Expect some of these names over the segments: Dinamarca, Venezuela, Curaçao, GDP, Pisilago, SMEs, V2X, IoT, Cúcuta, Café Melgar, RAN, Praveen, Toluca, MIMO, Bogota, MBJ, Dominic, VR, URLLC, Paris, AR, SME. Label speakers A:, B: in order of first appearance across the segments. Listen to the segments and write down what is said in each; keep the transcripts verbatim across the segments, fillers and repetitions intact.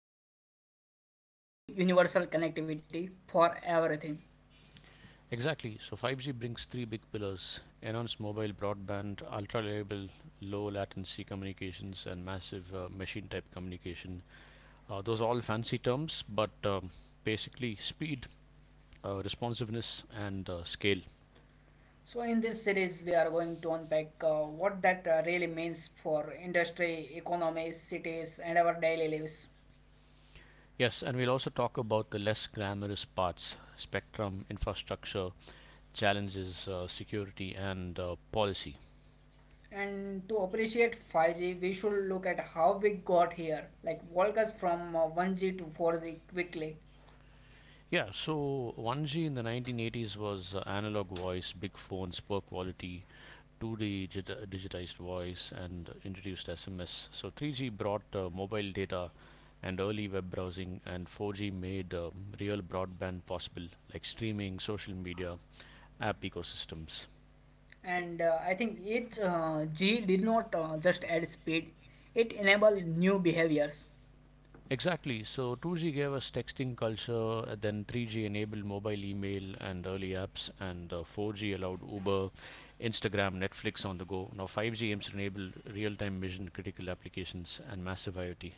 A: for a human to universal connectivity for everything.
B: Exactly. So, 5G brings three big pillars: enhanced mobile broadband, ultra reliable, low latency communications, and massive uh, machine type communication. Uh, those are all fancy terms, but um, basically speed, uh, responsiveness, and uh, scale.
A: So in this series, we are going to unpack uh, what that uh, really means for industry, economies, cities, and our daily lives.
B: Yes, and we'll also talk about the less glamorous parts: spectrum, infrastructure, challenges, uh, security, and uh, policy.
A: And to appreciate 5G, we should look at how we got here, like walk us from uh, 1G to 4G quickly.
B: Yeah, so 1G in the nineteen eighties was uh, analog voice, big phones, poor quality. 2D digit- uh, digitized voice, and introduced S M S. So 3G brought uh, mobile data and early web browsing, and 4G made um, real broadband possible, like streaming, social media, app ecosystems.
A: And uh, I think each uh, G did not uh, just add speed; it enabled new behaviors.
B: Exactly. So 2G gave us texting culture, uh, then 3G enabled mobile email and early apps, and uh, 4G allowed Uber, Instagram, Netflix on the go. Now 5G aims to enable real time mission critical applications and massive IoT.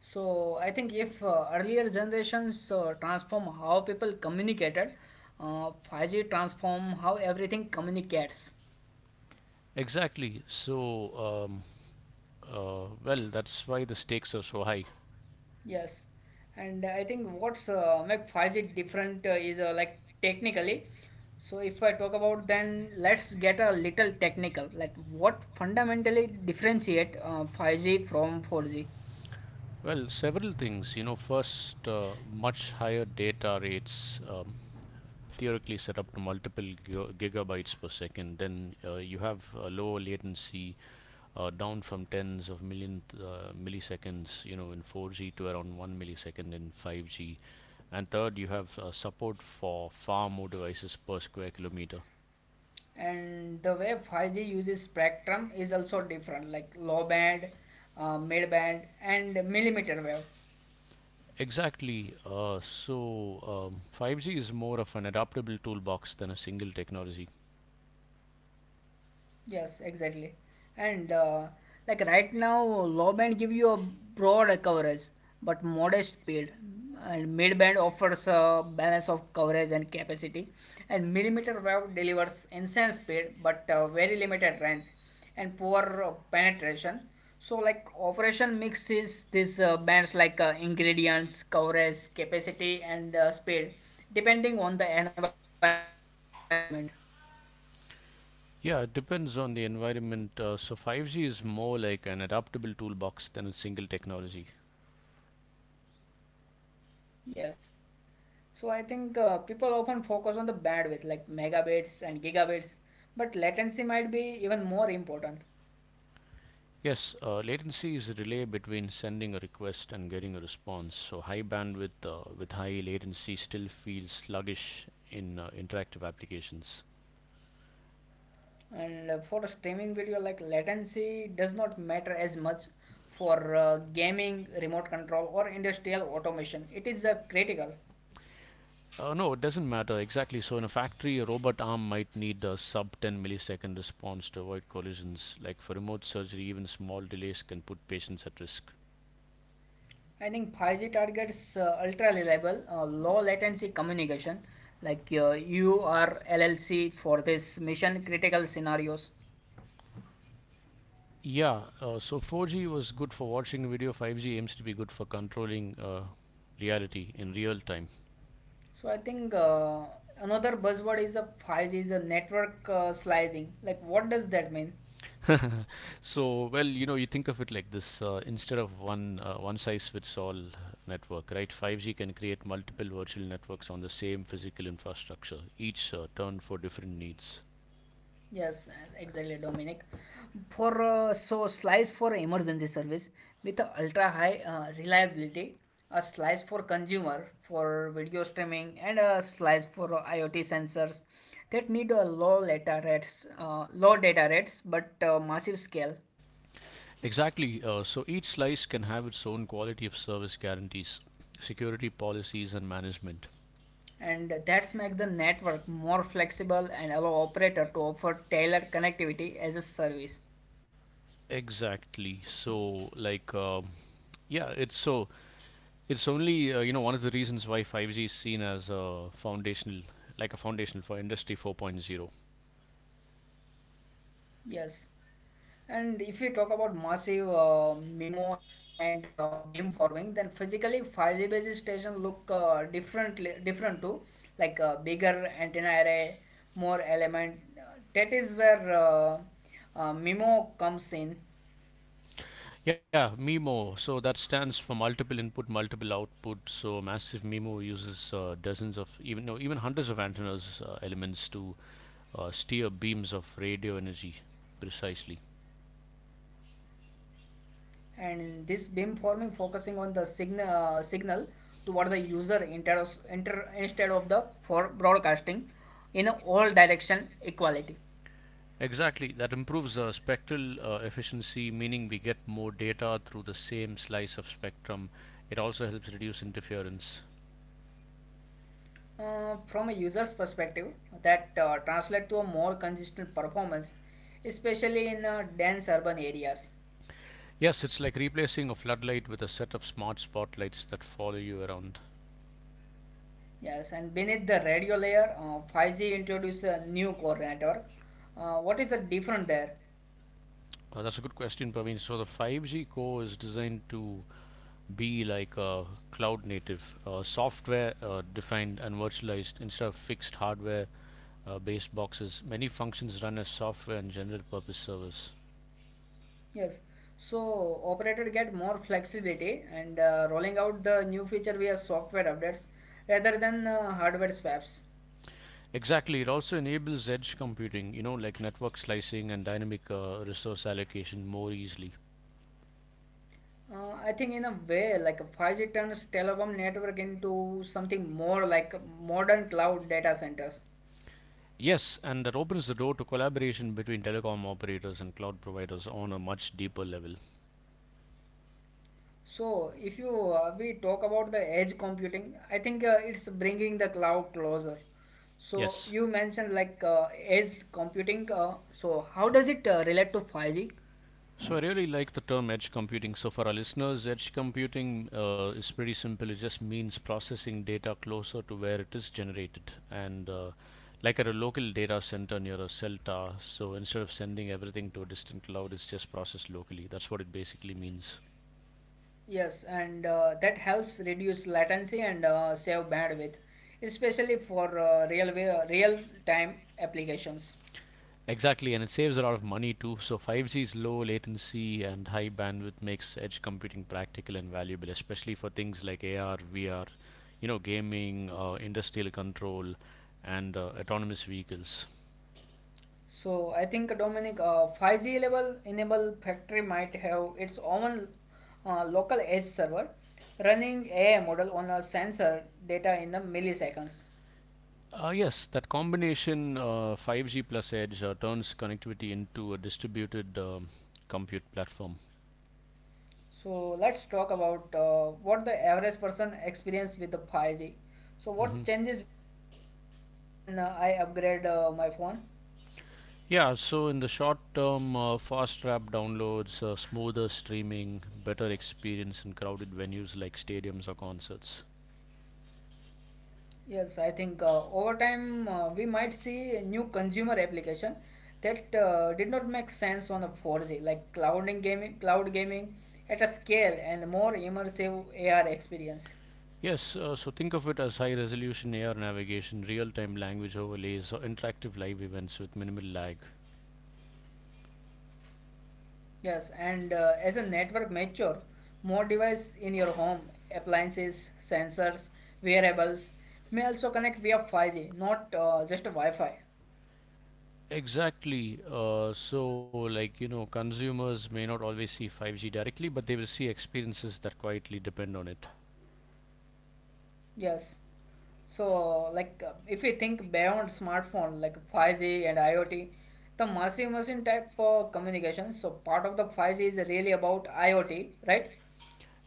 A: So I think if uh, earlier generations uh, transform how people communicated, uh, 5G transform how everything communicates.
B: Exactly. So, um, uh, well, that's why the stakes are so high.
A: Yes, and I think what's uh, make 5G different uh, is uh, like technically. So if I talk about, then let's get a little technical. Like what fundamentally differentiate uh, 5G from 4G,
B: Well, several things. You know, first, uh, much higher data rates, um, theoretically set up to multiple giga- gigabytes per second. Then uh, you have a lower latency, uh, down from tens of million uh, milliseconds, you know, in 4G to around one millisecond in 5G. And third, you have uh, support for far more devices per square kilometer.
A: and the way 5G uses spectrum is also different, like low band, uh, mid band, and millimeter wave.
B: Exactly. Uh, so um, 5G is more of an adaptable toolbox than a single technology.
A: Yes, exactly. And uh, like right now, low band give you a broad coverage, but modest paid. And mid band offers a balance of coverage and capacity. And millimeter wave delivers intense speed, but uh, very limited range and poor uh, penetration. So like operation mixes these uh, bands like uh, ingredients, coverage, capacity, and uh, speed, depending on the environment.
B: Yeah, it depends on the environment. Uh, so 5G is more like an adaptable toolbox than a single technology.
A: Yes. So I think uh, people often focus on the bandwidth like megabits and gigabits, but latency might be even more important.
B: Yes, uh, latency is the delay between sending a request and getting a response. So high bandwidth uh, with high latency still feels sluggish in uh, interactive applications.
A: And uh, for a streaming video, like latency does not matter as much for uh, gaming, remote control, or industrial automation. It is uh, critical.
B: Uh, no, it doesn't matter exactly. So in a factory, a robot arm might need a sub ten millisecond response to avoid collisions. Like, for remote surgery, even small delays can put patients at risk.
A: I think 5G targets uh, ultra reliable, uh, low latency communication like uh, U R L L C for this mission critical scenarios.
B: Yeah, uh, so 4G was good for watching video; 5G aims to be good for controlling uh, reality in real time.
A: So I think uh, another buzzword is a 5G is a network uh, slicing. Like what does that mean?
B: so, well, you know, you think of it like this uh, instead of one uh, one size fits all network, right? 5G can create multiple virtual networks on the same physical infrastructure, each uh, turned for different needs.
A: Yes, exactly, Dominic. For uh, so slice for emergency service with a ultra high uh, reliability, a slice for consumer for video streaming, and a slice for uh, IoT sensors that need a low data rates, uh, low data rates, but uh, massive scale.
B: Exactly, uh, so each slice can have its own quality of service guarantees, security policies, and management.
A: And that's make the network more flexible and allow operator to offer tailored connectivity as a service.
B: Exactly, so like. um yeah, it's so It's only uh, you know, one of the reasons why 5G is seen as a foundational, like a foundational for industry 4.0.
A: Yes, and if you talk about massive uh, MIMO and uh, beamforming, then physically 5G base station look uh, differently different to like uh, bigger antenna array, more element. Uh, That is where uh, uh, MIMO comes in.
B: Yeah, MIMO. So that stands for multiple input, multiple output. So massive MIMO uses uh, dozens of, even no even hundreds of antennas, uh, elements to uh, steer beams of radio energy precisely.
A: And this beam forming focusing on the signal uh, signal toward the user inter- inter- instead of the for broadcasting in a all direction equality.
B: Exactly. That improves uh, spectral uh, efficiency, meaning we get more data through the same slice of spectrum. It also helps reduce interference.
A: Uh, from a user's perspective, that uh, translate to a more consistent performance, especially in uh, dense urban areas.
B: Yes, it's like replacing a floodlight with a set of smart spotlights that follow you around.
A: Yes, and beneath the radio layer, uh, 5g introduces a new core network. Uh, what is the different there?
B: Uh, that's a good question, Praveen. So the 5G core is designed to be like a cloud native, uh, software uh, defined and virtualized, instead of fixed hardware uh, based boxes. Many functions run as software and general purpose servers.
A: Yes. So operator get more flexibility and uh, rolling out the new feature via software updates rather than uh, hardware swaps.
B: Exactly, it also enables edge computing, you know, like network slicing and dynamic uh, resource allocation, more easily.
A: Uh, I think in a way, like 5G turns telecom network into something more like modern cloud data centers.
B: Yes, and that opens the door to collaboration between telecom operators and cloud providers on a much deeper level.
A: So if you uh, we talk about the edge computing, I think uh, it's bringing the cloud closer. So
B: Yes.
A: you mentioned like uh, edge computing. Uh, so how does it uh, relate to 5G?
B: So I really like the term edge computing. So for our listeners, edge computing uh, is pretty simple. It just means processing data closer to where it is generated, and uh, like at a local data center near a cell tower. So instead of sending everything to a distant cloud, it's just processed locally. That's what it basically means.
A: Yes, and uh, that helps reduce latency and uh, save bandwidth, especially for uh, real way, real time applications.
B: Exactly, and it saves a lot of money too. So 5G's low latency and high bandwidth makes edge computing practical and valuable, especially for things like A R, V R, you know, gaming, uh, industrial control, and uh, autonomous vehicles.
A: So I think Dominic, uh, 5G level enable factory might have its own uh, local edge server running A I model on a sensor data in the milliseconds.
B: Uh, yes, that combination, uh, 5G plus edge, uh, turns connectivity into a distributed um, compute platform.
A: So let's talk about uh, what the average person experience with the 5G.
B: hmm
A: So what changes when uh, I upgrade uh, my phone?
B: Yeah, so in the short term, uh, fast rap downloads, uh, smoother streaming, better experience in crowded venues like stadiums or concerts.
A: Yes, I think uh, over time uh, we might see a new consumer application that uh, did not make sense on a 4G, like clouding gaming, cloud gaming at a scale and more immersive A R experience.
B: Yes, uh, so think of it as high resolution A R navigation, real time language overlays, or interactive live events with minimal lag.
A: Yes, and uh, as a network mature, more device in your home, appliances, sensors, wearables may also connect via 5G, not uh, just Wi-Fi.
B: Exactly. Uh, so, like, you know, consumers may not always see 5G directly, but they will see experiences that quietly depend on it.
A: Yes. So, like, uh, if we think beyond smartphone, like 5G and IoT, the massive machine type uh, communication. So, part of the 5G is really about IoT, right?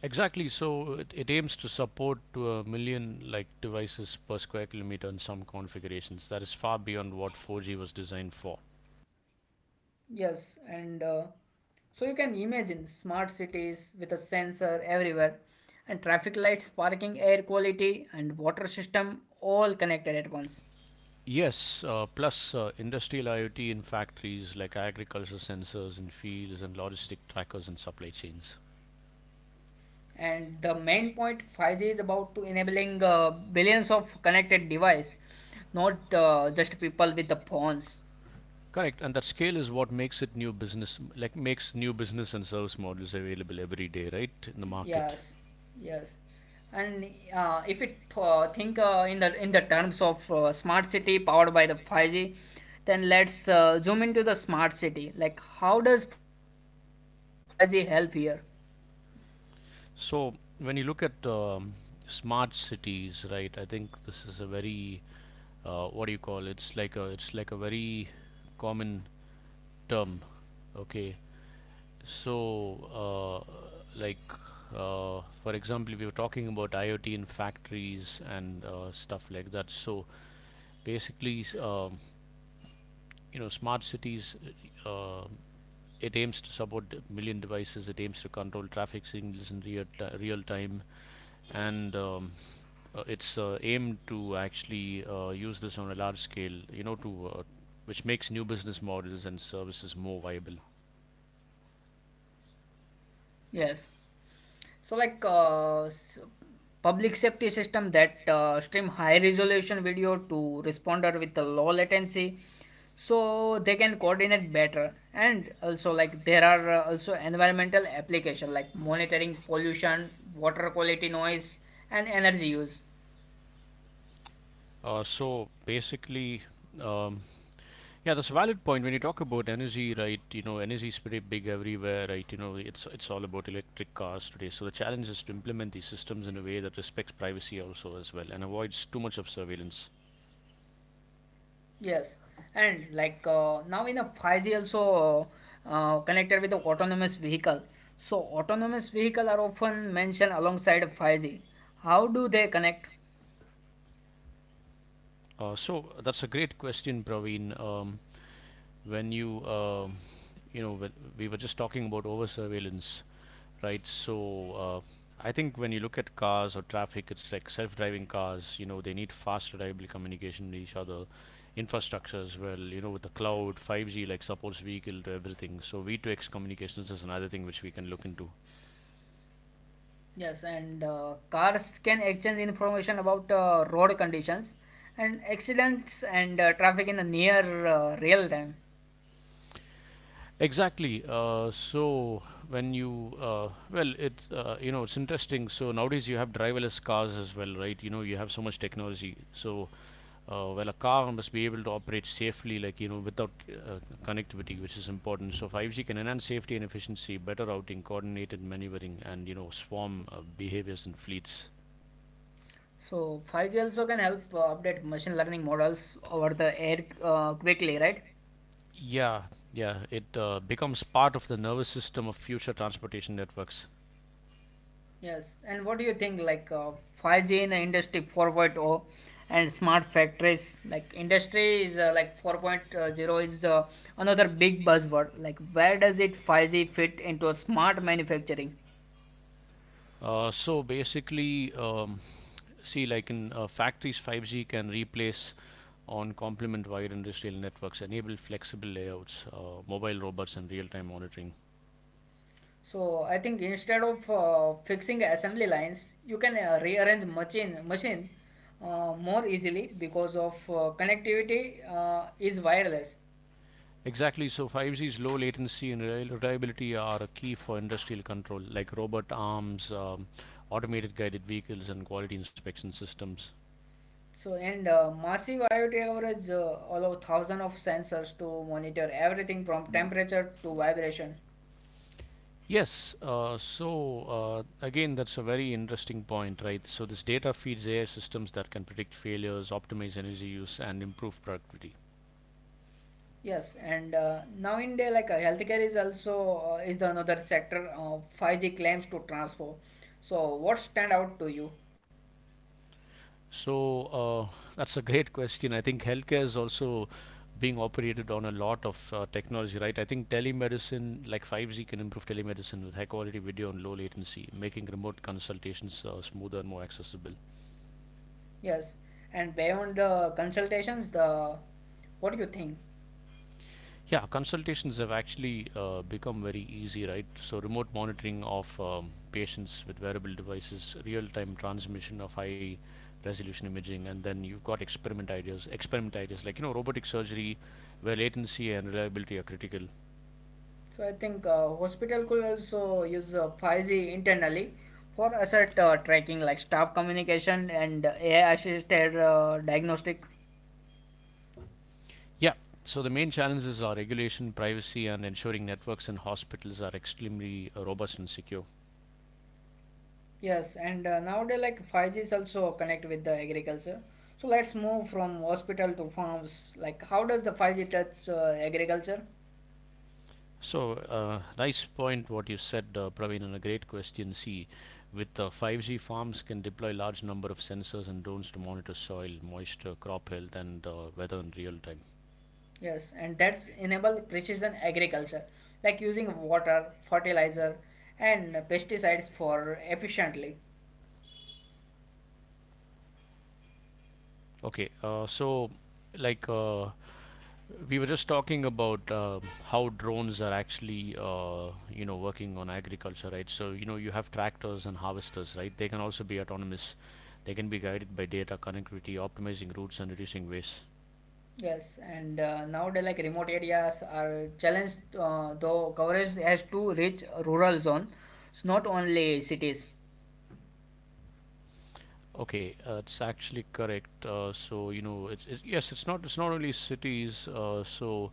B: Exactly. So it, it aims to support to a million like devices per square kilometer in some configurations. That is far beyond what 4G was designed for.
A: Yes, and uh, so you can imagine smart cities with a sensor everywhere, and traffic lights, parking, air quality, and water system all connected at once.
B: Yes, uh, plus uh, industrial IoT in factories, like agriculture sensors in fields, and logistic trackers and supply chains.
A: And the main point 5G is about to enabling uh, billions of connected device, not uh, just people with the phones.
B: Correct, and that scale is what makes it new business, like makes new business and service models available every day, right, in the market.
A: Yes, yes, and uh, if it th- think uh, in the in the terms of uh, smart city powered by the 5G, then let's uh, zoom into the smart city. Like, how does 5G help here?
B: So when you look at um, smart cities, right? I think this is a very uh, what do you call it? It's like a it's like a very common term. Okay, so uh, like uh, for example, if you're talking about IoT in factories and uh, stuff like that, so basically um, you know, smart cities, uh, it aims to support million devices. It aims to control traffic signals in real, real time, and um, uh, it's uh, aimed to actually uh, use this on a large scale. You know, to uh, which makes new business models and services more viable.
A: Yes. So, like uh, s- public safety system that uh, stream high resolution video to responder with a low latency, so they can coordinate better. And also, like there are uh, also environmental application like monitoring pollution, water quality, noise, and energy use.
B: Uh, so basically, um, yeah, that's a valid point. When you talk about energy, right, you know, energy is pretty big everywhere, right? You know, it's it's all about electric cars today. So the challenge is to implement these systems in a way that respects privacy also as well and avoids too much of surveillance.
A: Yes, and like uh, now in a 5G also uh, uh, connected with the autonomous vehicle. So autonomous vehicle are often mentioned alongside 5G. How do they connect?
B: Uh, so that's a great question, Praveen. Um, when you, uh, you know, when we were just talking about over surveillance, right? So uh, I think when you look at cars or traffic, it's like self-driving cars. You know, they need fast, reliable communication with each other, infrastructure as well. You know, with the cloud, 5G like supports vehicle to everything. So V two X communications is another thing which we can look into.
A: Yes, and uh, cars can exchange information about uh, road conditions and accidents and uh, traffic in the near uh, real time.
B: Exactly. Uh, so when you uh, well, it's uh, you know, it's interesting. So nowadays you have driverless cars as well, right? You know you have so much technology. So uh, well, a car must be able to operate safely, like you know without uh, connectivity, which is important. So 5G can enhance safety and efficiency, better routing, coordinated maneuvering, and you know swarm uh, behaviors in fleets.
A: So 5G also can help uh, update machine learning models over the air uh, quickly, right?
B: Yeah, yeah. It uh, becomes part of the nervous system of future transportation networks.
A: Yes, and what do you think like uh, 5G in the industry 4.0 point oh, and smart factories like industry is uh, like 4.0 is uh, another big buzzword like where does it 5G fit into smart manufacturing?
B: Uh, so basically, um, see, like in uh, factories, 5G can replace on complement wide industrial networks, enable flexible layouts, uh, mobile robots, and real time monitoring.
A: So I think instead of uh, fixing assembly lines you can uh, rearrange machine machine uh, more easily because of uh, connectivity uh, is wireless.
B: Exactly, so 5G's low latency and reliability are a key for industrial control, like robot arms, um, automated guided vehicles, and quality inspection systems.
A: So, and uh, massive IoT coverage uh, allow thousands of sensors to monitor everything from temperature to vibration.
B: Yes, uh, so uh, again, that's a very interesting point, right? So, this data feeds A I systems that can predict failures, optimize energy use, and improve productivity.
A: Yes, and uh, now in day like uh, healthcare is also uh, is the another sector uh, 5G claims to transform. So, what stand out to you?
B: So, uh, that's a great question. I think healthcare is also being operated on a lot of uh, technology, right? I think telemedicine, like 5G, can improve telemedicine with high quality video and low latency, making remote consultations uh, smoother and more accessible.
A: Yes, and beyond the consultations, the what do you think?
B: Yeah, consultations have actually uh, become very easy, right? So, remote monitoring of um, patients with wearable devices, real time transmission of high resolution imaging, and then you've got experiment ideas, experiment ideas like, you know, robotic surgery where latency and reliability are critical.
A: So I think uh, hospital could also use uh, 5G internally for asset uh, tracking like staff communication and A I assisted uh, diagnostic.
B: Yeah, so the main challenges are regulation, privacy, and ensuring networks and hospitals are extremely uh, robust and secure.
A: Yes, and uh, nowadays like 5G is also connect with the agriculture. So let's move from hospital to farms. Like how does the 5G touch uh, agriculture?
B: So, uh, nice point what you said, uh, Praveen, and a great question. See, with uh, 5G, farms can deploy large number of sensors and drones to monitor soil, moisture, crop health, and uh, weather in real time.
A: Yes, and that's enable precision agriculture like using water, fertilizer and pesticides for efficiently.
B: Okay, uh, so like uh, we were just talking about uh, how drones are actually uh, you know working on agriculture, right? So you know you have tractors and harvesters, right? They can also be autonomous. They can be guided by data connectivity, optimizing routes and reducing waste.
A: Yes, and uh, nowadays like remote areas are challenged, uh, though coverage has to reach rural zone. It's not only cities.
B: Okay, uh, it's actually correct. Uh, so you know, it's, it's, yes, it's not it's not only cities. Uh, so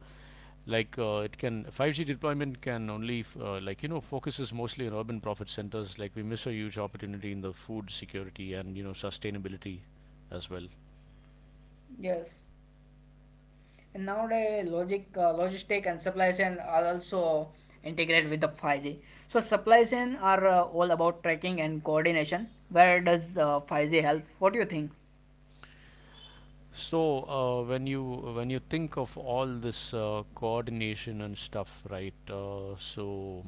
B: like uh, it can 5G deployment can only f- uh, like you know focuses mostly on urban profit centers. Like we miss a huge opportunity in the food security and you know sustainability as well.
A: Yes, and nowadays logic, uh, logistic and supply chain are also integrated with the 5G. So supply chain are uh, all about tracking and coordination. Where does uh, 5G help? What do you think?
B: So uh, when you when you think of all this uh, coordination and stuff, right? Uh, so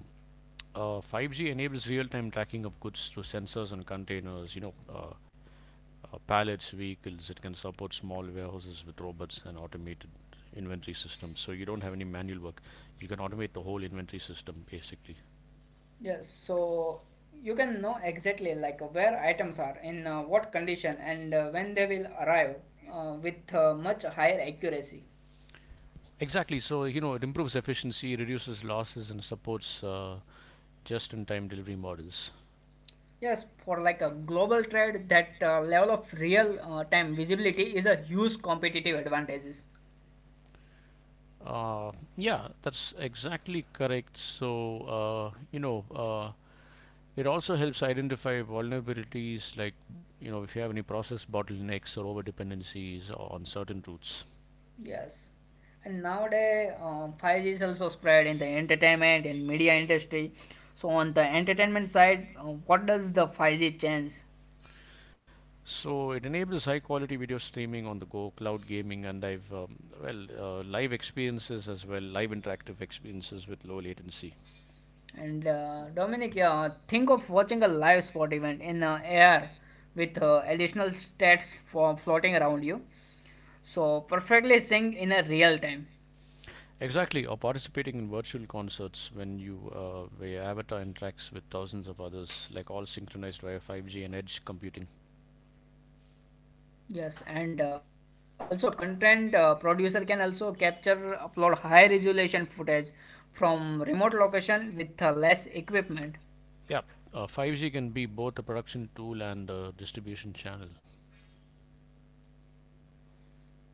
B: uh, five G enables real-time tracking of goods through sensors and containers. You know, uh, uh, pallets, vehicles. It can support small warehouses with robots and automated inventory systems. So you don't have any manual work. You can automate the whole inventory system basically.
A: Yes, so you can know exactly like where items are, in uh, what condition, and uh, when they will arrive uh, with uh, much higher accuracy.
B: Exactly. So you know, it improves efficiency, reduces losses, and supports uh, just-in-time delivery models.
A: Yes, for like a global trade, that uh, level of real uh, time visibility is a huge competitive advantages.
B: Uh, yeah, that's exactly correct. So, uh, you know, uh, it also helps identify vulnerabilities like, you know, if you have any process bottlenecks or over dependencies on certain routes.
A: Yes. And nowadays, um, 5G is also spread in the entertainment and media industry. So on the entertainment side, uh, what does the 5G change?
B: So, it enables high quality video streaming on the go, cloud gaming, and I've, um, well, uh, live experiences as well, live interactive experiences with low latency.
A: And uh, Dominic, yeah, think of watching a live sport event in uh, A R with uh, additional stats for floating around you. So perfectly sync in a real time.
B: Exactly, or participating in virtual concerts when you uh, where your avatar interacts with thousands of others, like all synchronized via five G and edge computing.
A: Yes, and uh, also content uh, producer can also capture, upload high resolution footage from remote location with uh, less equipment.
B: Yeah, uh, five G can be both a production tool and a distribution channel.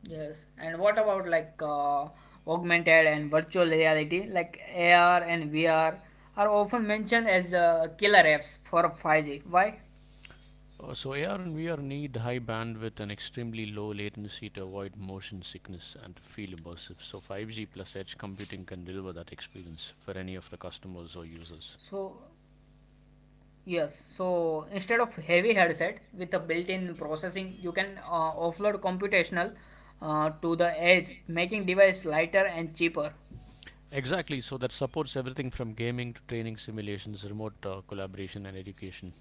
A: Yes, and what about like uh, augmented and virtual reality? Like A R and V R are often mentioned as uh, killer apps for 5G. Why?
B: Uh, so A R and V R need high bandwidth and extremely low latency to avoid motion sickness and to feel immersive. So five G plus edge computing can deliver that experience for any of the customers or users.
A: So, yes, so instead of heavy headset with a built-in processing, you can uh, offload computational uh, to the edge, making device lighter and cheaper.
B: Exactly, so that supports everything from gaming to training simulations, remote uh, collaboration, and education.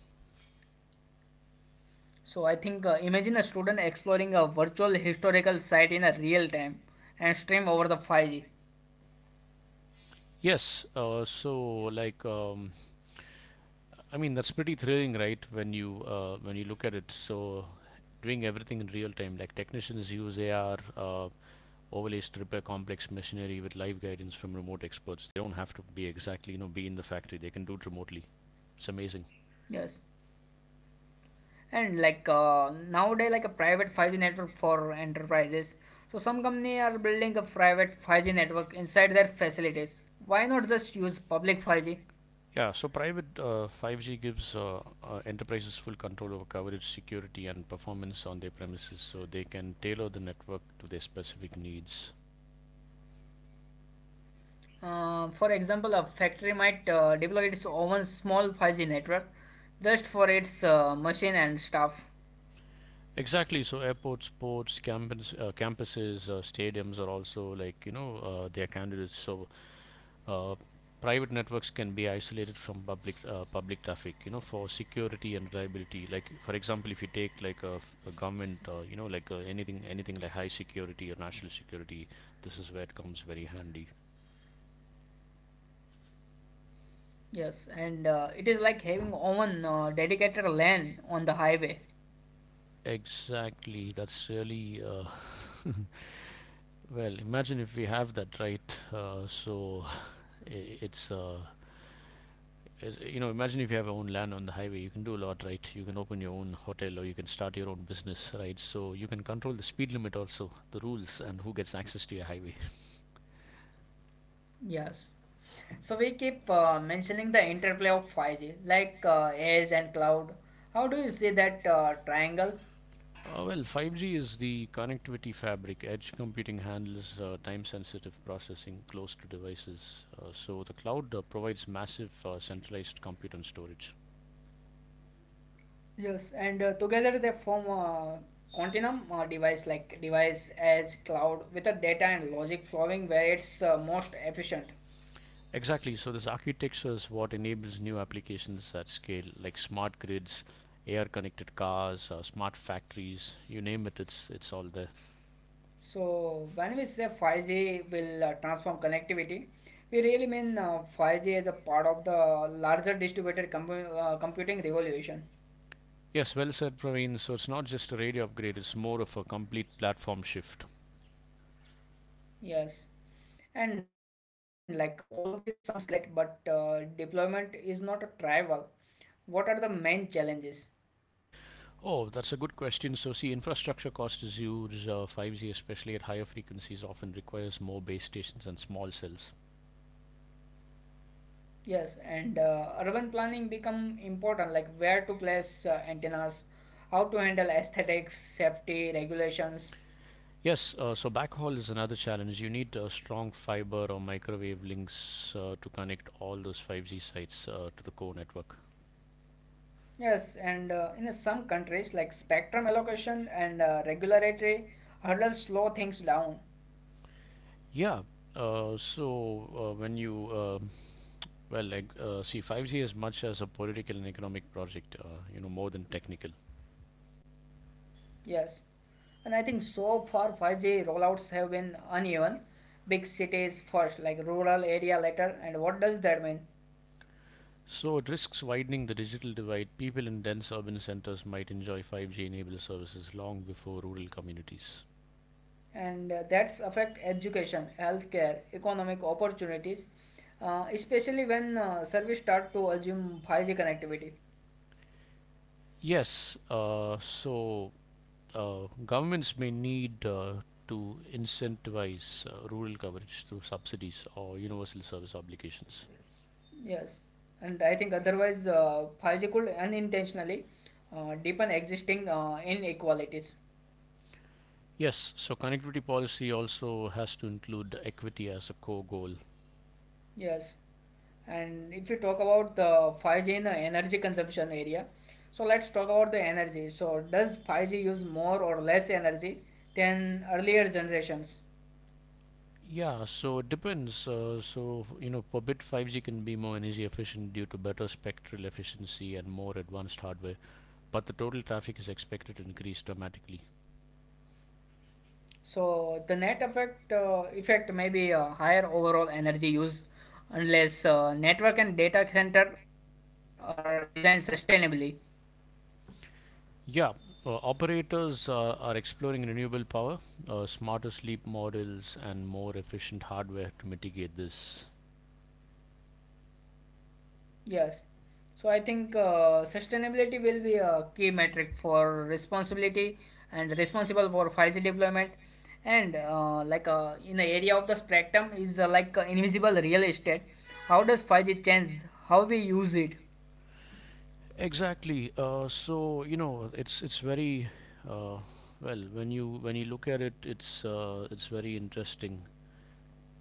A: So I think uh, imagine a student exploring a virtual historical site in a real time and stream over the 5G.
B: Yes, uh, so like um, I mean that's pretty thrilling, right? When you uh, when you look at it, so doing everything in real time, like technicians use A R uh, overlays to repair complex machinery with live guidance from remote experts. They don't have to be exactly you know be in the factory; they can do it remotely. It's amazing.
A: Yes. And like uh, nowadays, like a private 5G network for enterprises. So some company are building a private 5G network inside their facilities. Why not just
B: Yeah,
A: use
B: so
A: public
B: private
A: 5G?
B: uh, five G gives uh, uh, enterprises full control over coverage, security, and performance on their premises, so they can tailor the network to their specific needs.
A: Uh, for example, a factory might uh, deploy its own small 5G network just for its uh, machine and staff.
B: Exactly. So airports, sports, campus, uh, campuses, uh, stadiums are also like you know uh, their candidates. So uh, private networks can be isolated from public uh, public traffic. You know, for security and reliability. Like for example, if you take like a, f- a government, uh, you know like uh, anything anything like high security or national security, this is where it comes very handy.
A: Yes, and uh, it is like having own uh, dedicated lane on the highway.
B: Exactly. That's really uh, Well. Imagine if we have that right. Uh, so I- it's uh, Is you know, imagine if you have your own land on the highway, you can do a lot, right? You can open your own hotel or you can start your own business, right? So you can control the speed limit also, the rules, and who gets access to your highway.
A: Yes. So we keep uh, mentioning the interplay of 5G, like uh, edge and cloud. How do you see that uh, triangle?
B: Uh, well, five G is the connectivity fabric. Edge computing handles uh, time sensitive processing close to devices. Uh, so the cloud uh, provides massive uh, centralized compute and storage.
A: Yes, and uh, together they form a continuum uh, device like device edge cloud with the data and logic flowing where it's uh, most efficient.
B: Exactly. So this architecture is what enables new applications at scale, like smart grids, A R-connected cars, uh, smart factories. You name it, it's it's all there.
A: So when we say 5G will uh, transform connectivity, we really mean uh, 5G as a part of the larger distributed com- uh, computing revolution.
B: Yes, well said, Praveen. So it's not just a radio upgrade; it's more of a complete platform shift.
A: Yes. And like all of this sounds great, but uh, deployment is not a trivial. What are the main challenges?
B: Oh, that's a good question. So see, infrastructure cost is huge. Uh, five G, especially at higher frequencies, often requires more base stations and small cells.
A: Yes, and uh, urban planning become important, like where to place uh, antennas, how to handle aesthetics, safety regulations.
B: Yes, uh, so backhaul is another challenge. You need uh, strong fiber or microwave links uh, to connect all those five G sites uh, to the core network.
A: Yes, and uh, in some countries like spectrum allocation and uh, regulatory hurdles slow things down.
B: Yeah, uh, so uh, when you, um well, like, uh, See, five G is much as a political and economic project, uh, you know, more than technical.
A: Yes, and I think so far five G rollouts have been uneven. Big cities first, like rural area later. And what does that mean?
B: So it risks widening the digital divide. People in dense urban centers might enjoy five G enabled services long before rural communities.
A: And uh, that's affect education, healthcare, economic opportunities, uh, especially when uh, service start to assume five G connectivity.
B: Yes, uh, so uh, governments may need uh, to incentivize uh, rural coverage through subsidies or universal service obligations.
A: Yes, and I think otherwise, uh, five G could unintentionally uh, deepen existing uh, inequalities.
B: Yes, so connectivity policy also has to include equity as a core goal.
A: Yes, and if you talk about the five G in the energy consumption area, so let's talk about the energy. So, does five G use more or less energy than earlier generations?
B: Yeah, so it depends. Uh, so, you know, per bit, five G can be more energy efficient due to better spectral efficiency and more advanced hardware, but the total traffic is expected to increase dramatically.
A: So, the net effect uh, effect may be a higher overall energy use unless uh, network and data center are designed sustainably.
B: Yeah, uh, operators uh, are exploring renewable power, uh, smarter sleep models, and more efficient hardware to mitigate this.
A: Yes. So I think uh, sustainability will be a key metric for responsibility and responsible for five G deployment. And uh, like uh, in the area of the spectrum is uh, like uh, invisible real estate. How does five G change how we use it?
B: Exactly. Uh, so you know, it's it's very uh, well, when you when you look at it, it's uh, it's very interesting,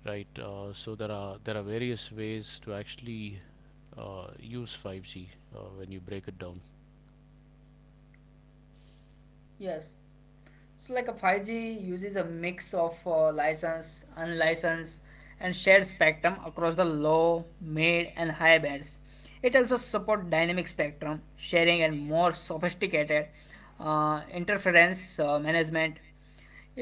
B: right? Uh, so there are there are various ways to actually uh, use five G uh, when you break it down.
A: Yes. So, like a five G uses a mix of uh, license, unlicensed, and shared spectrum across the low, mid, and high bands. It also supports dynamic spectrum sharing and more sophisticated uh, interference uh, management.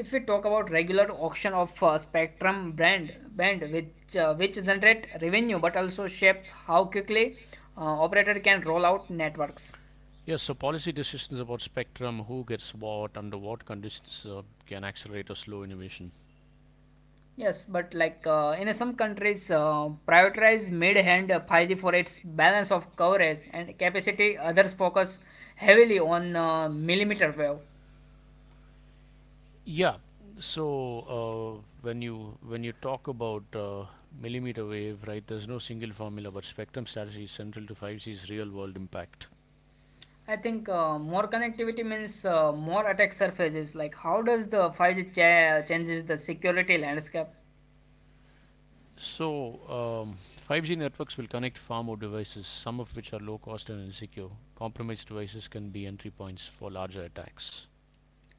A: If we talk about regular auction of uh, spectrum brand band, which uh, which generate revenue but also shapes how quickly uh, operator can roll out networks.
B: Yes, so policy decisions about spectrum, who gets what, under what conditions uh, can accelerate or slow innovation.
A: Yes, but like uh, in some countries, uh, prioritize mid-hand five G for its balance of coverage and capacity. Others focus heavily on uh, millimeter wave.
B: Yeah. So uh, when you when you talk about uh, millimeter wave, right? There's no single formula, but spectrum strategy is central to 5G's real-world impact.
A: I think uh, more connectivity means uh, more attack surfaces. Like how does the five G cha- changes the security landscape?
B: So um, five G networks will connect far more devices, some of which are low cost and insecure. Compromised devices can be entry points for larger attacks.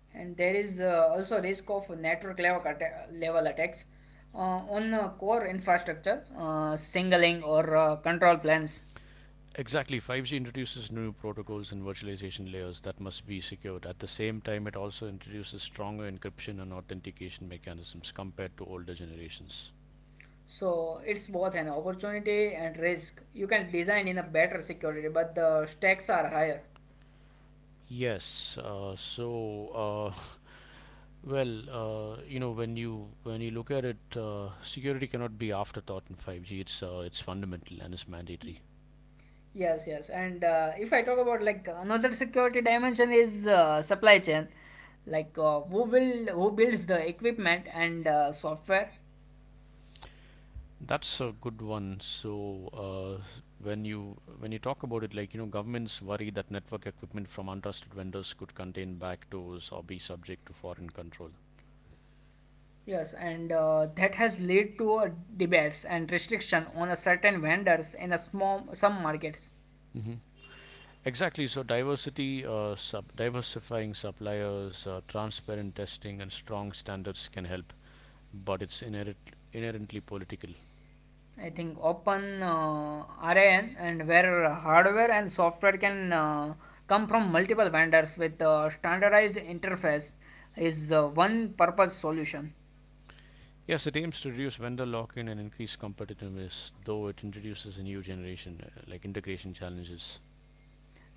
A: And there is uh, also risk of network level, atta- level attacks uh, on uh, core infrastructure, uh, signaling or uh, control plans.
B: Exactly, five G introduces new protocols and virtualization layers that must be secured. At the same time, it also introduces stronger encryption and authentication mechanisms compared to older generations.
A: So it's both an opportunity and risk. You can design in a better security, but the stakes are higher.
B: Yes, uh, so uh, well, uh, you know, when you when you look at it, uh, security cannot be afterthought in five G. It's uh, it's fundamental and it's mandatory.
A: Yes, yes. And uh, if I talk about like another security dimension is uh, supply chain, like uh, who will who builds the equipment and uh, software.
B: That's a good one. So, uh, when you when you talk about it, like, you know, governments worry that network equipment from untrusted vendors could contain backdoors or be subject to foreign control.
A: Yes, and uh, that has led to uh, debates and restriction on a certain vendors in a small some markets.
B: hmm Exactly. So, diversity, uh, sub diversifying suppliers, uh, transparent testing, and strong standards can help, but it's inherent inherently political.
A: I think open uh, RAN and where hardware and software can uh, come from multiple vendors with a standardized interface is uh, one purpose solution.
B: Yes, it aims to reduce vendor lock-in and increase competitiveness, though it introduces a new generation, uh, like integration challenges.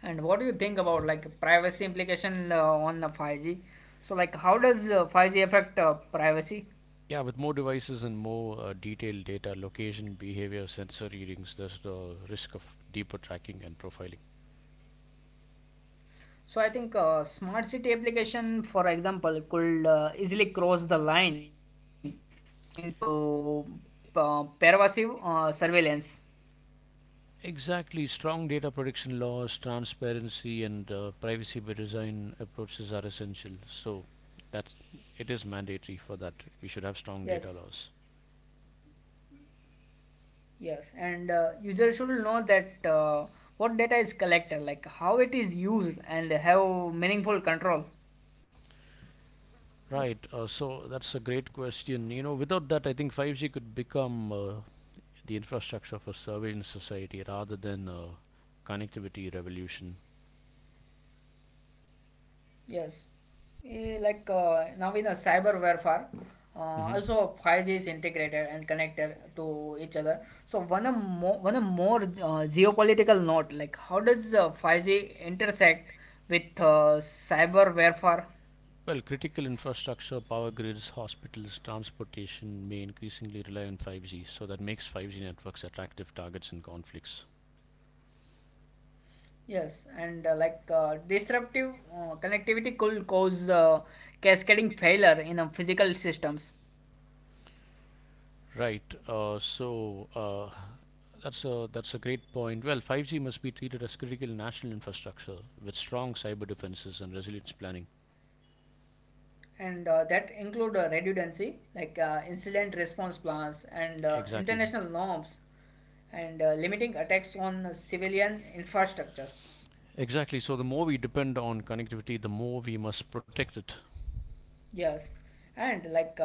A: And what do you think about like privacy implication uh, on the five G? So like how does uh, five G affect uh, privacy?
B: Yeah, with more devices and more uh, detailed data, location, behavior, sensor readings, there's the risk of deeper tracking and profiling.
A: So I think uh, smart city application, for example, could uh, easily cross the line into uh, pervasive uh, surveillance.
B: Exactly, strong data protection laws, transparency, and uh, privacy by design approaches are essential. So, that's it is mandatory for that. We should have strong
A: Yes.
B: data laws.
A: Yes, and uh, user should know that uh, what data is collected, like how it is used, and have meaningful control.
B: Right. Uh, so that's a great question. You know, without that, I think five G could become uh, the infrastructure for surveillance society rather than a connectivity revolution.
A: Yes, eh, like uh, now in a cyber warfare, uh,
B: hmm
A: also five G is integrated and connected to each other. So one a more one a more uh, geopolitical note, like how does uh, five G intersect with uh, cyber warfare?
B: Well, critical infrastructure, power grids, hospitals, transportation may increasingly rely on five G, so that makes five G networks attractive targets in conflicts.
A: Yes, and uh, like uh, disruptive uh, connectivity could cause uh, cascading failure in uh, physical systems,
B: Right. Uh, so uh, that's a that's a great point. Well, five G must be treated as critical national infrastructure with strong cyber defenses and resilience planning.
A: and uh, that include uh, redundancy, like uh, incident response plans and uh,
B: Exactly.
A: international norms, and uh, limiting attacks on uh, civilian infrastructure.
B: Exactly. So the more we depend on connectivity, the more we must protect it.
A: Yes,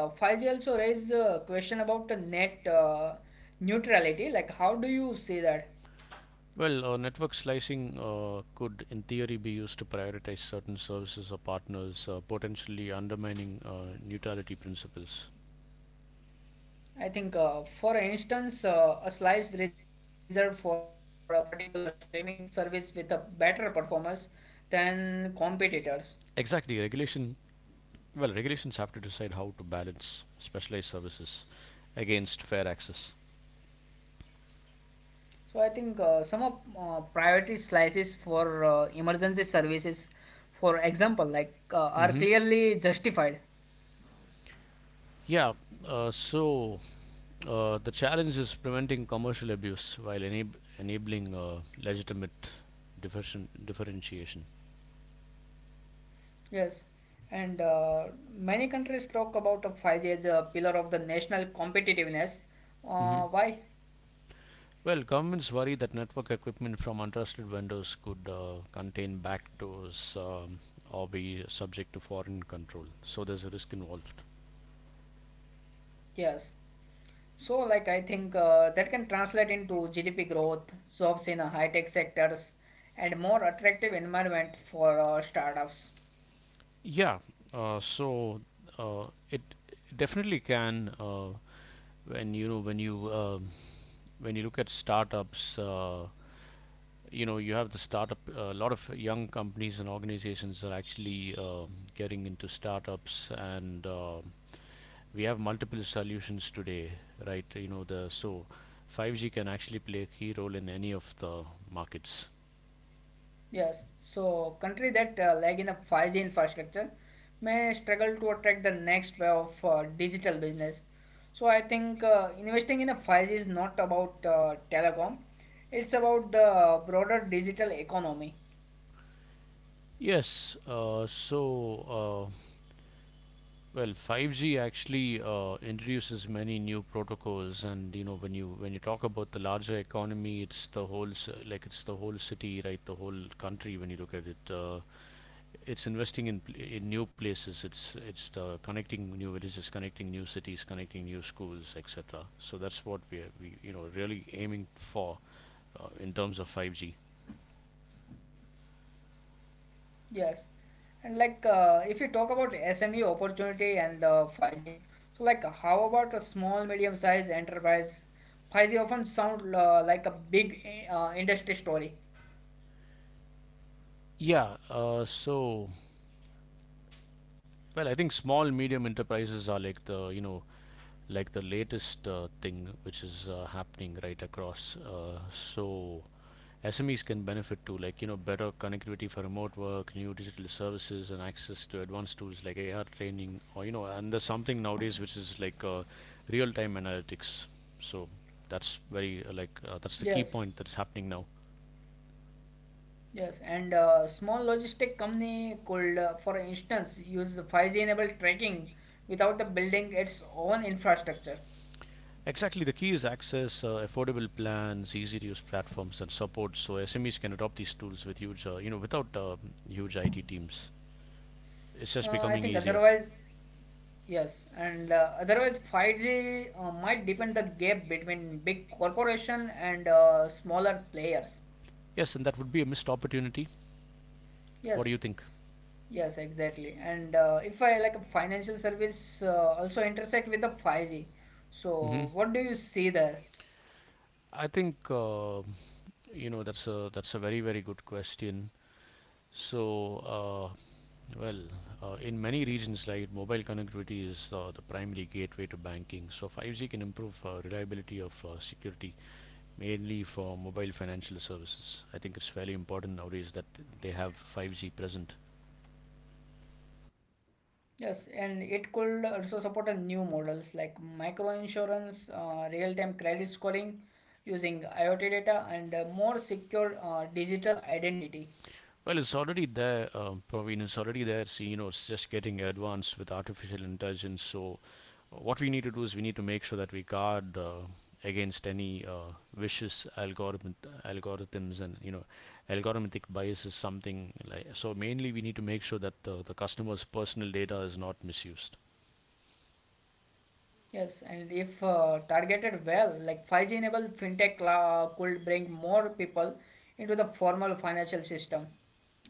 A: and like uh, five G also raised a question about the net uh, neutrality. Like, how do you
B: Well,
A: see
B: uh,
A: that?
B: network slicing uh, could, in theory, be used to prioritize certain services or partners, uh, potentially undermining uh, neutrality principles.
A: I think, uh, for instance, uh, a slice reserved for a particular streaming service with a better performance than competitors.
B: Exactly, regulation. Well, regulations have to decide how to balance specialized services against fair access.
A: So I think uh, some of uh, priority slices for uh, emergency services, for example, like uh, are
B: hmm
A: clearly justified.
B: Yeah. Uh, so uh, the challenge is preventing commercial abuse while enab- enabling uh, legitimate differenti- differentiation.
A: Yes, and uh, many countries talk about a five G as a pillar of the national competitiveness.
B: hmm
A: Uh, why?
B: Well, governments worry that network equipment from untrusted vendors could uh, contain backdoors um, or be subject to foreign control. So there's a risk involved.
A: Yes. So, like, I think uh, that can translate into G D P growth, jobs in uh, high-tech sectors, and more attractive environment for uh, startups.
B: Yeah, uh, so uh, it definitely can uh, When you know, when you um, when you look at startups. Uh, you know, you have the startup. A lot of young companies and organizations are actually uh, getting into startups, and uh, we have multiple solutions today, right? You know, the so five G can actually play a key role in any of the markets.
A: Yes. So, country that uh, lag in a five G infrastructure may struggle to attract the next wave of uh, digital business. So, I think uh, investing in a five G is not about uh, telecom; it's about the broader digital economy.
B: Yes, uh, so. Uh, Well, five G actually uh, introduces many new protocols, and you know, when you when you talk about the larger economy, it's the whole s- like it's the whole city, right? The whole country when you look at it. Uh, it's investing in pl- in new places. It's it's the connecting new villages, connecting new cities, connecting new schools, et cetera. So that's what we are we you know really aiming for uh, in terms of five G.
A: Yes. And like uh, if you talk about S M E opportunity and the five G, so like how about a small medium sized enterprise? five G often sound uh, like a big uh, industry story.
B: Yeah. Uh, so Well, I think small medium enterprises are like the you know like the latest uh, thing which is uh, happening right across. Uh, so S M Es can benefit too, like you know better connectivity for remote work, new digital services, and access to advanced tools like A R training, or you know, and there's something nowadays which is like uh, real-time analytics. So that's very uh, like uh, that's the key
A: Yes.
B: point that's happening now.
A: Yes, and uh, small logistic company could, uh, for instance, use five G enabled tracking without the building its own infrastructure.
B: Exactly, the key is access, uh, affordable plans, easy to use platforms, and support. So S M Es can adopt these tools with huge, uh, you know, without uh, huge I T teams. It's just
A: Uh, I
B: becoming
A: think
B: easier.
A: otherwise Yes, and uh, otherwise five G uh, might deepen the gap between big corporation and uh, smaller players.
B: Yes, and that would be a missed opportunity. What do you
A: Yes,
B: think?
A: yes, exactly. And uh, if I like a financial service uh, also intersect with the five G,
B: hmm
A: so what do you see there?
B: I think uh, you know that's a that's a very very good question. So, uh, well, uh, in many regions, like mobile connectivity is uh, the primary gateway to banking. So five G can improve uh, reliability of uh, security mainly for mobile financial services. I think it's fairly important nowadays that they have five G present.
A: Yes, and it could also support a new models like micro insurance, uh, real-time credit scoring using I o T data, and uh, more secure uh, digital identity.
B: Well, it's already there, uh, Praveen. It's already there. See, you know, it's just getting advanced with artificial intelligence. So, uh, what we need to do is we need to make sure that we guard uh, against any uh, vicious algorithm algorithms, and you know, algorithmic bias is something like. So mainly we need to make sure that uh, the customer's personal data is not misused.
A: Yes, and if uh, targeted well, like five G enabled fintech la- could bring more people into the formal financial system.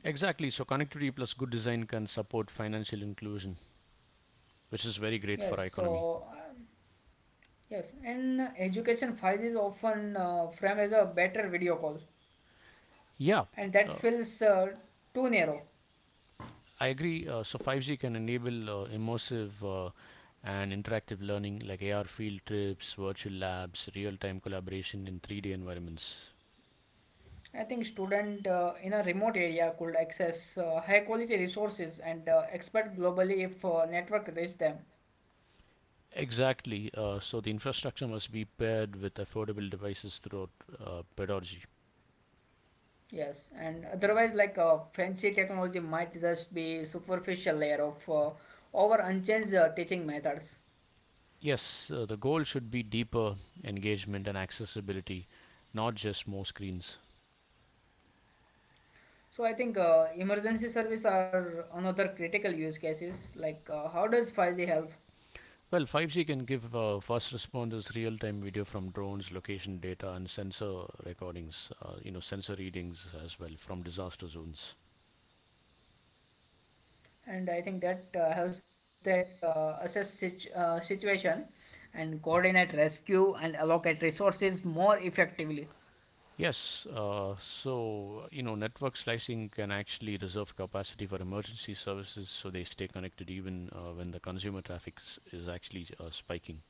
B: Exactly, so connectivity plus good design can support financial inclusion, which is very great
A: Yes,
B: for our economy.
A: so um, yes, and education five G is often uh, framed as a better video call,
B: Yeah,
A: and that
B: uh,
A: feels uh, too narrow.
B: I agree. Uh, so five G can enable uh, immersive uh, and interactive learning like A R field trips, virtual labs, real time collaboration in three D environments.
A: I think student uh, in a remote area could access uh, high quality resources and uh, expert globally if uh, network reach them.
B: Exactly. Uh, so the infrastructure must be paired with affordable devices throughout uh, pedagogy.
A: Yes, and otherwise, like uh, fancy technology might just be superficial layer of uh, our unchanged uh, teaching methods.
B: Yes, uh, the goal should be deeper engagement and accessibility, not just more screens.
A: So I think uh, emergency service are another critical use cases. Like uh, how does five G help?
B: Well, five G can give uh, first responders real-time video from drones, location data, and sensor recordings, uh, you know, sensor readings as well from disaster zones.
A: And I think that uh, helps that uh, assess situ- uh, situation and coordinate rescue and allocate resources more effectively.
B: Yes, uh, so you know, network slicing can actually reserve capacity for emergency services, so they stay connected even uh, when the consumer traffic s- is actually uh, spiking.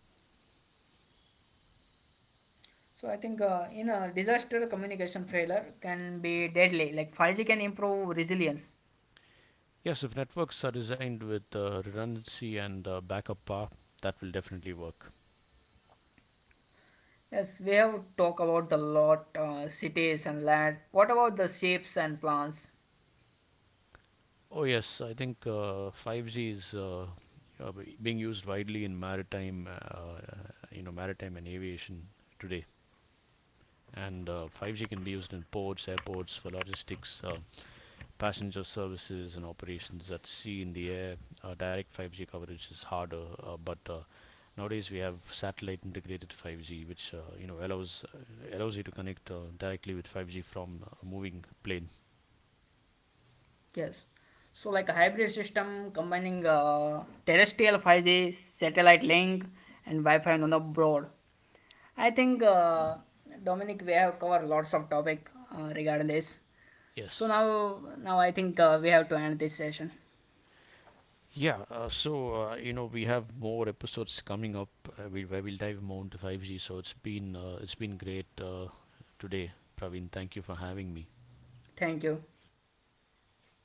A: So I think uh, in a disaster communication failure can be deadly. Like five G can improve resilience.
B: Yes, if networks are designed with uh, redundancy and uh, backup power, that will definitely work.
A: Yes, we have talked about the lot, uh, cities and land. What about the shapes and plants?
B: Oh yes, I think uh, five G is uh, uh, be- being used widely in maritime, uh, uh, you know, maritime and aviation today. And uh, five G can be used in ports, airports for logistics, uh, passenger services, and operations at sea, in the air. Uh, direct five G coverage is harder, uh, but uh, nowadays we have satellite integrated five G, which uh, you know allows allows you to connect uh, directly with five G from a moving plane.
A: Yes. So, like a hybrid system combining uh, terrestrial five G, satellite link, and Wi Fi on the broad. I think, uh, Dominic, we have covered lots of topic uh,
B: Yes.
A: regarding this. So, now, now I think uh, we have to end this session.
B: Yeah, uh, so uh, you know we have more episodes coming up uh, we, where we'll dive more into five G. So it's been uh, it's been great uh, today, Praveen. Thank you for having me.
A: Thank you.